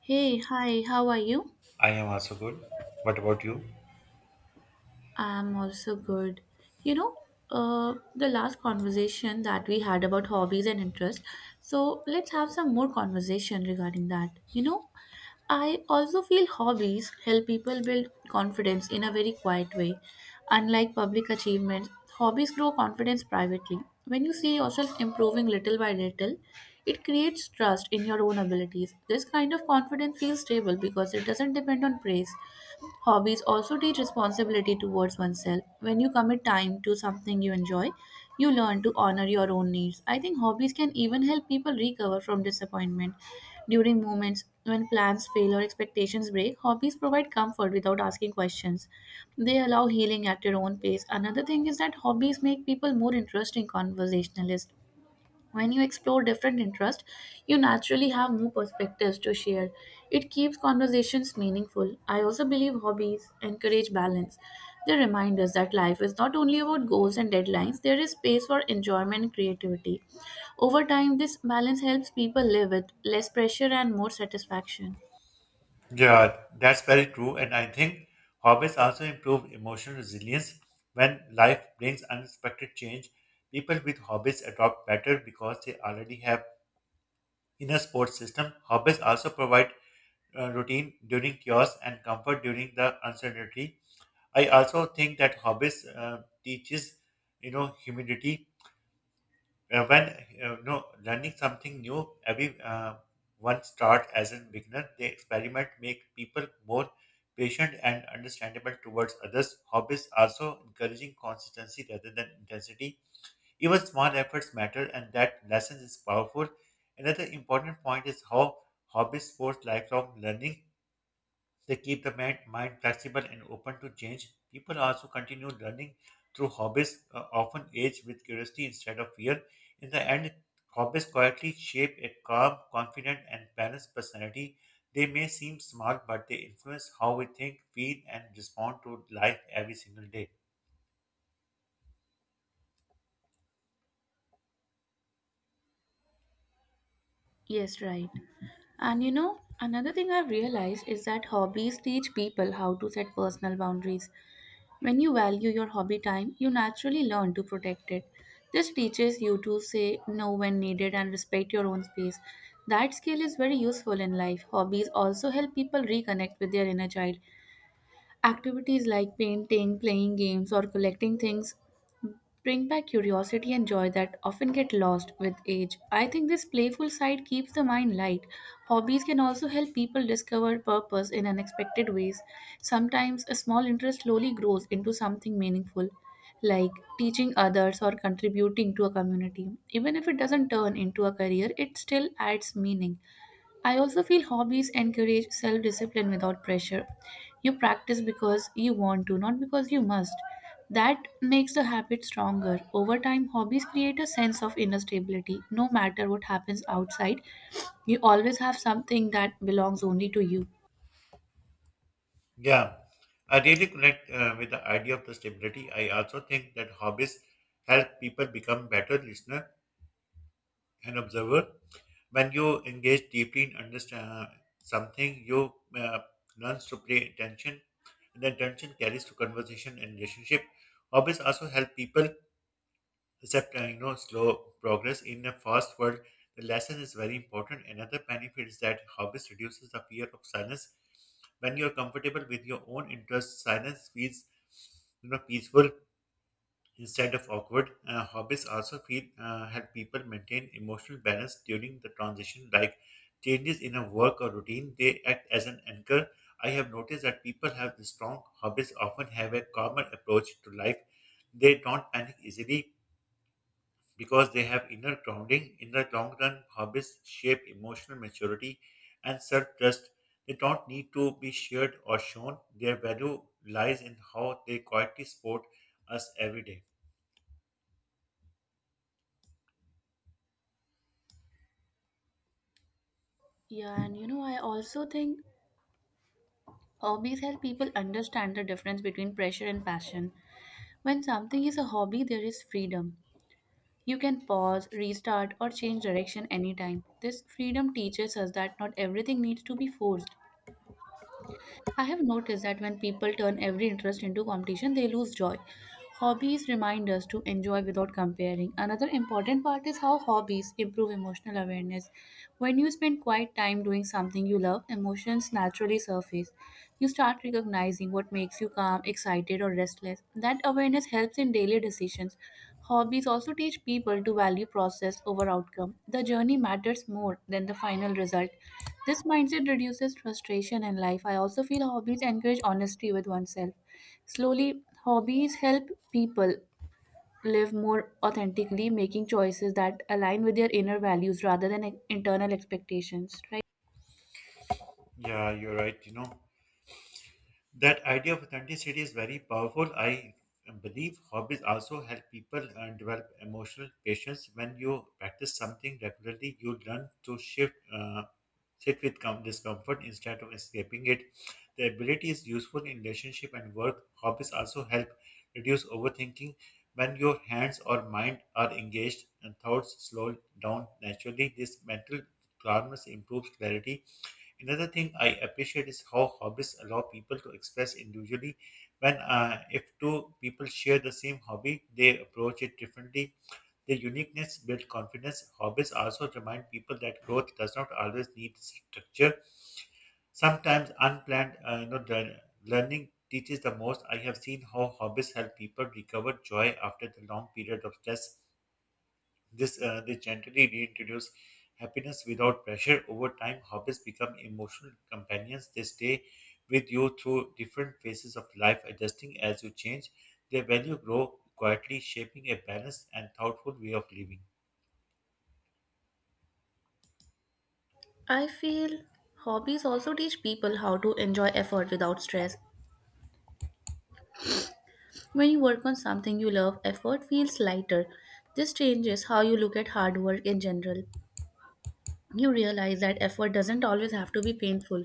Hey, hi, how are you? I am also good. What about you? I'm also good. You know, the last conversation that we had about hobbies and interest, so let's have some more conversation regarding that. You know, I also feel hobbies help people build confidence in a very quiet way. Unlike public achievements, hobbies grow confidence privately. When you see yourself improving little by little, it creates trust in your own abilities. This kind of confidence feels stable because it doesn't depend on praise. Hobbies also teach responsibility towards oneself. When you commit time to something you enjoy, you learn to honor your own needs. I think hobbies can even help people recover from disappointment. During moments when plans fail or expectations break, hobbies provide comfort without asking questions. They allow healing at your own pace. Another thing is that hobbies make people more interesting conversationalists. When you explore different interests, you naturally have more perspectives to share. It keeps conversations meaningful. I also believe hobbies encourage balance. They remind us that life is not only about goals and deadlines, there is space for enjoyment and creativity. Over time, this balance helps people live with less pressure and more satisfaction. Yeah, that's very true. And I think hobbies also improve emotional resilience. When life brings unexpected change, people with hobbies adopt better because they already have inner support system. Hobbies also provide routine during chaos and comfort during the uncertainty. I also think that hobbies teaches, humility when learning something new every one start as a beginner, they experiment, make people more patient and understandable towards others. Hobbies also encouraging consistency rather than intensity. Even small efforts matter, and that lesson is powerful. Another important point is how hobbies force lifelong learning. They keep the mind flexible and open to change. People also continue learning through hobbies, often age with curiosity instead of fear. In the end, hobbies quietly shape a calm, confident, and balanced personality. They may seem small, but they influence how we think, feel, and respond to life every single day. Yes, right. And you know, another thing I've realized is that hobbies teach people how to set personal boundaries. When you value your hobby time, you naturally learn to protect it. This teaches you to say no when needed and respect your own space. That skill is very useful in life. Hobbies also help people reconnect with their inner child. Activities like painting, playing games, or collecting things bring back curiosity and joy that often get lost with age. I think this playful side keeps the mind light. Hobbies can also help people discover purpose in unexpected ways. Sometimes a small interest slowly grows into something meaningful, like teaching others or contributing to a community. Even if it doesn't turn into a career, it still adds meaning. I also feel hobbies encourage self discipline without pressure. You practice because you want to, not because you must. That makes the habit stronger. Over time, hobbies create a sense of inner stability. No matter what happens outside, you always have something that belongs only to you. Yeah, I really connect with the idea of the stability. I also think that hobbies help people become better listener and observer. When you engage deeply in understand something, you learns to pay attention, and the attention carries to conversation and relationship. Hobbies also help people accept slow progress in a fast world. The lesson is very important. Another benefit is that hobbies reduces the fear of silence. When you are comfortable with your own interests, silence feels peaceful instead of awkward. Hobbies also feel help people maintain emotional balance during the transition, like changes in a work or routine. They act as an anchor. I have noticed that people have the strong hobbies often have a common approach to life. They don't panic easily because they have inner grounding. In the long run, hobbies shape emotional maturity and self-trust. They don't need to be shared or shown. Their value lies in how they quietly support us every day. Yeah, and you know, I also think hobbies help people understand the difference between pressure and passion. When something is a hobby, there is freedom. You can pause, restart, or change direction anytime. This freedom teaches us that not everything needs to be forced. I have noticed that when people turn every interest into competition, they lose joy. Hobbies remind us to enjoy without comparing. Another important part is how hobbies improve emotional awareness. When you spend quiet time doing something you love, emotions naturally surface. You start recognizing what makes you calm, excited, or restless. That awareness helps in daily decisions. Hobbies also teach people to value process over outcome. The journey matters more than the final result. This mindset reduces frustration in life. I also feel hobbies encourage honesty with oneself. Slowly, hobbies help people live more authentically, making choices that align with their inner values rather than internal expectations, right? Yeah, you're right. You know, that idea of authenticity is very powerful. I believe hobbies also help people develop emotional patience. When you practice something regularly, you learn to shift, sit with discomfort instead of escaping it. The ability is useful in relationship and work. Hobbies also help reduce overthinking. When your hands or mind are engaged and thoughts slow down naturally, this mental calmness improves clarity. Another thing I appreciate is how hobbies allow people to express individually. When If two people share the same hobby, they approach it differently. Their uniqueness builds confidence. Hobbies also remind people that growth does not always need structure. Sometimes unplanned, learning teaches the most. I have seen how hobbies help people recover joy after the long period of stress. This They gently reintroduce happiness without pressure. Over time, hobbies become emotional companions. They stay with you through different phases of life, adjusting as you change. Their value grow quietly, shaping a balanced and thoughtful way of living. I feel hobbies also teach people how to enjoy effort without stress. When you work on something you love, effort feels lighter. This changes how you look at hard work in general. You realize that effort doesn't always have to be painful.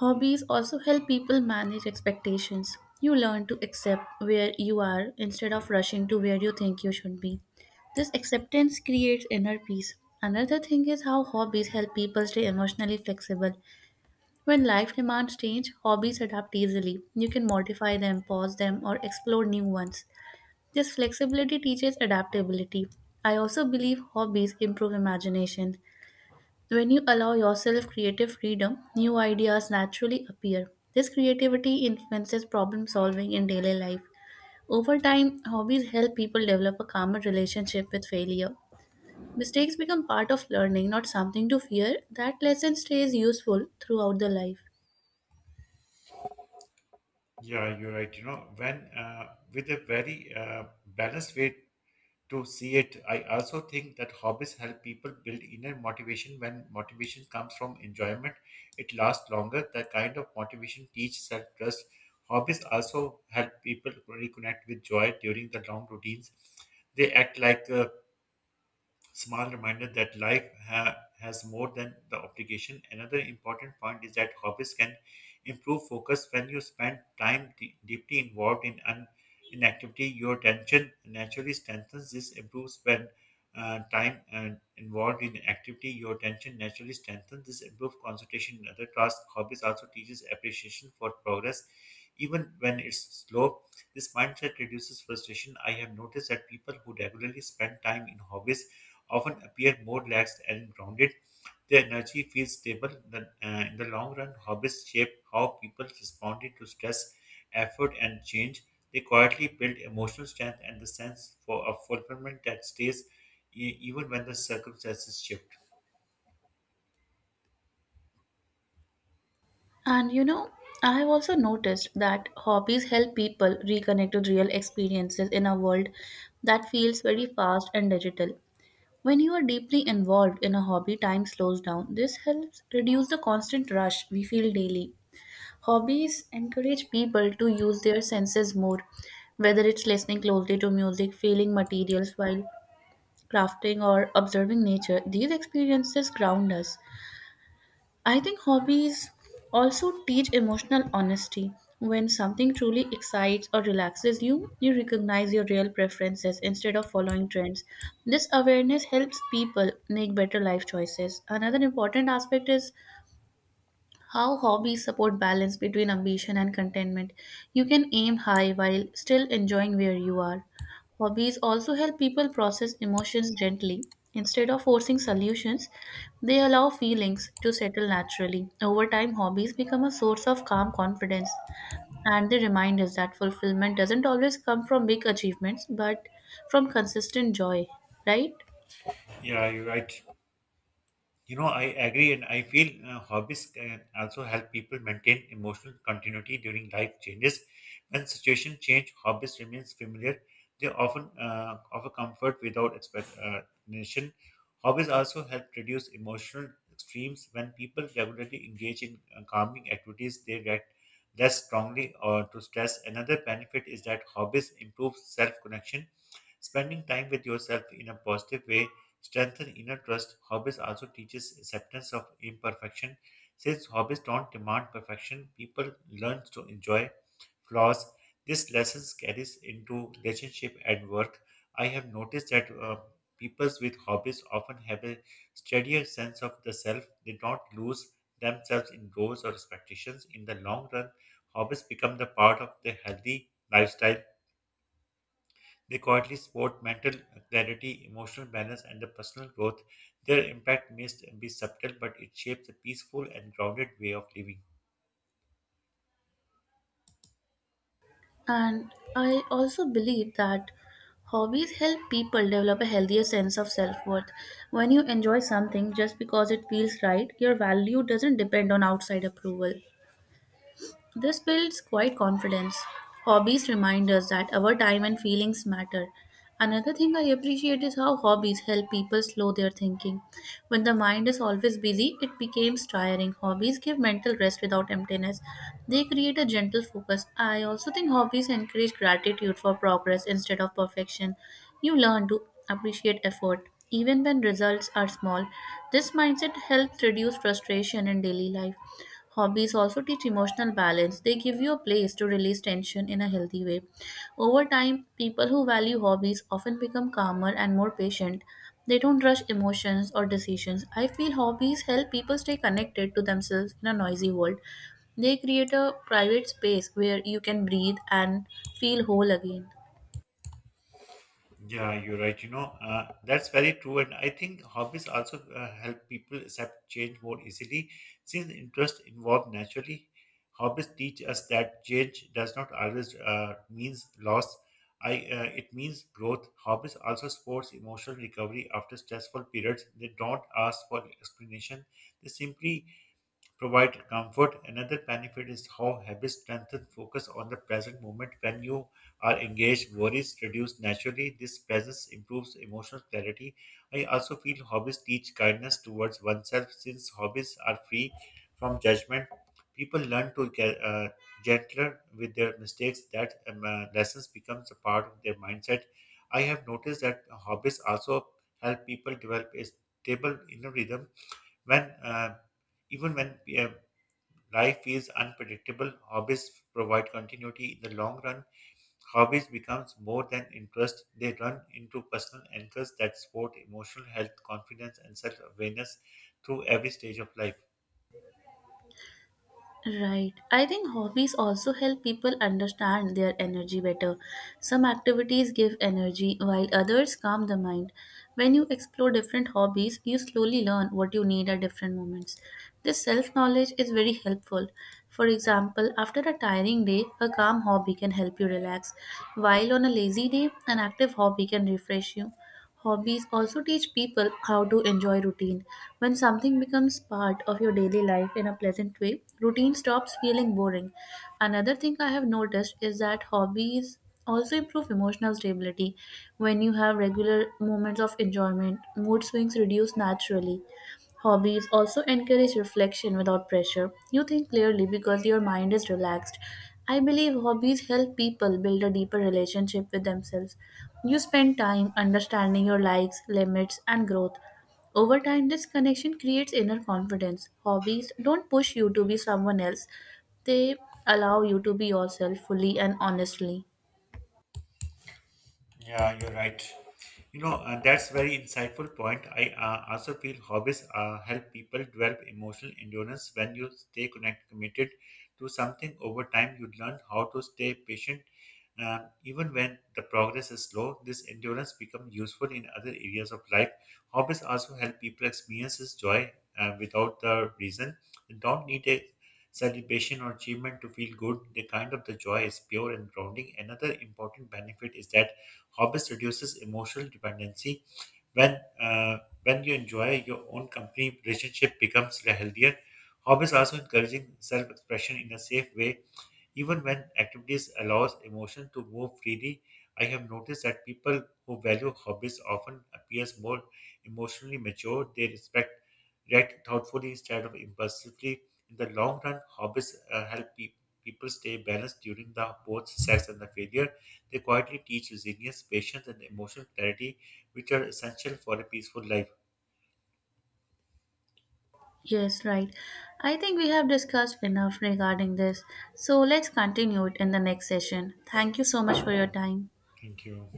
Hobbies also help people manage expectations. You learn to accept where you are instead of rushing to where you think you should be. This acceptance creates inner peace. Another thing is how hobbies help people stay emotionally flexible. When life demands change, hobbies adapt easily. You can modify them, pause them, or explore new ones. This flexibility teaches adaptability. I also believe hobbies improve imagination. When you allow yourself creative freedom, new ideas naturally appear. This creativity influences problem solving in daily life. Over time, hobbies help people develop a calmer relationship with failure. Mistakes become part of learning, not something to fear. That lesson stays useful throughout the life. Yeah, you're right. You know, when with a very balanced way to see it. I also think that hobbies help people build inner motivation. When motivation comes from enjoyment, it lasts longer. That kind of motivation teaches self trust. Hobbies also help people reconnect with joy during the long routines. They act like small reminder that life has more than the obligation. Another important point is that hobbies can improve focus when you spend time deeply involved in an in activity. Your attention naturally strengthens. This improves when time and involved in activity. Your attention naturally strengthens. This improves concentration in other tasks. Hobbies also teaches appreciation for progress, even when it's slow. This mindset reduces frustration. I have noticed that people who regularly spend time in hobbies often appear more relaxed and grounded. Their energy feels stable. In the long run, hobbies shape how people respond to stress, effort, and change. They quietly build emotional strength and the sense for, of fulfillment that stays even when the circumstances shift. And you know, I have also noticed that hobbies help people reconnect with real experiences in a world that feels very fast and digital. When you are deeply involved in a hobby, time slows down. This helps reduce the constant rush we feel daily. Hobbies encourage people to use their senses more, whether it's listening closely to music, feeling materials while crafting, or observing nature. These experiences ground us. I think hobbies also teach emotional honesty. When something truly excites or relaxes you, you recognize your real preferences instead of following trends. This awareness helps people make better life choices. Another important aspect is how hobbies support balance between ambition and contentment. You can aim high while still enjoying where you are. Hobbies also help people process emotions gently. Instead of forcing solutions, they allow feelings to settle naturally. Over time, hobbies become a source of calm confidence and they remind us that fulfillment doesn't always come from big achievements but from consistent joy, right? Yeah, you're right. You know, I agree, and I feel hobbies can also help people maintain emotional continuity during life changes. When situations change, hobbies remains familiar. They often offer comfort without explanation. Hobbies also help reduce emotional extremes. When people regularly engage in calming activities, they react less strongly or to stress. Another benefit is that hobbies improve self connection. Spending time with yourself in a positive way strengthen inner trust. Hobbies also teaches acceptance of imperfection. Since hobbies don't demand perfection, people learn to enjoy flaws. This lesson carries into relationship and work. I have noticed that people with hobbies often have a steadier sense of the self. They don't lose themselves in goals or expectations. In the long run, hobbies become the part of their healthy lifestyle. They quietly support mental clarity, emotional balance, and the personal growth. Their impact may be subtle, but it shapes a peaceful and grounded way of living. And I also believe that hobbies help people develop a healthier sense of self worth. When you enjoy something just because it feels right, your value doesn't depend on outside approval. This builds quite confidence. Hobbies remind us that our time and feelings matter. Another thing I appreciate is how hobbies help people slow their thinking. When the mind is always busy, it becomes tiring. Hobbies give mental rest without emptiness. They create a gentle focus. I also think hobbies encourage gratitude for progress instead of perfection. You learn to appreciate effort, even when results are small. This mindset helps reduce frustration in daily life. Hobbies also teach emotional balance. They give you a place to release tension in a healthy way. Over time, people who value hobbies often become calmer and more patient. They don't rush emotions or decisions. I feel hobbies help people stay connected to themselves in a noisy world. They create a private space where you can breathe and feel whole again. Yeah, you're right. You know, that's very true. And I think hobbies also help people accept change more easily. Since interest involved naturally, hobbies teach us that change does not always means loss. I It means growth. Hobbies also supports emotional recovery after stressful periods. They don't ask for explanation. They simply provide comfort. Another benefit is how habits strengthen focus on the present moment. When you are engaged, worries reduce naturally. This presence improves emotional clarity. I also feel hobbies teach kindness towards oneself since hobbies are free from judgment. People learn to get gentler with their mistakes. That lessons becomes a part of their mindset. I have noticed that hobbies also help people develop a stable inner rhythm when even when life is unpredictable, hobbies provide continuity in the long run. Hobbies becomes more than interest; they run into personal anchors that support emotional health, confidence, and self-awareness through every stage of life. Right. I think hobbies also help people understand their energy better. Some activities give energy while others calm the mind. When you explore different hobbies, you slowly learn what you need at different moments. This self knowledge is very helpful. For example, after a tiring day, a calm hobby can help you relax, while on a lazy day, an active hobby can refresh you. Hobbies also teach people how to enjoy routine. When something becomes part of your daily life in a pleasant way, routine stops feeling boring. Another thing I have noticed is that hobbies also improve emotional stability. When you have regular moments of enjoyment, mood swings reduce naturally. Hobbies also encourage reflection without pressure. You think clearly because your mind is relaxed. I believe hobbies help people build a deeper relationship with themselves. You spend time understanding your likes, limits, and growth. Over time, this connection creates inner confidence. Hobbies don't push you to be someone else, they allow you to be yourself fully and honestly. You know, that's very insightful point. I also feel hobbies help people develop emotional endurance. When you stay connected, committed to something over time, you learn how to stay patient. Even when the progress is slow, this endurance becomes useful in other areas of life. Hobbies also help people experience this joy without the reason. They don't need a celebration or achievement to feel good. The kind of the joy is pure and grounding. Another important benefit is that hobbies reduces emotional dependency. When uh, when you enjoy your own company, relationship becomes healthier. Hobbies also encouraging self-expression in a safe way, even when activities allows emotion to move freely. I have noticed that people who value hobbies often appears more emotionally mature. They respect react thoughtfully instead of impulsively. In the long run, hobbies help people stay balanced during the both success and the failure. They quietly teach resilience, patience, and emotional clarity, which are essential for a peaceful life. Yes, right. I think we have discussed enough regarding this. So let's continue it in the next session. Thank you so much for your time. Thank you.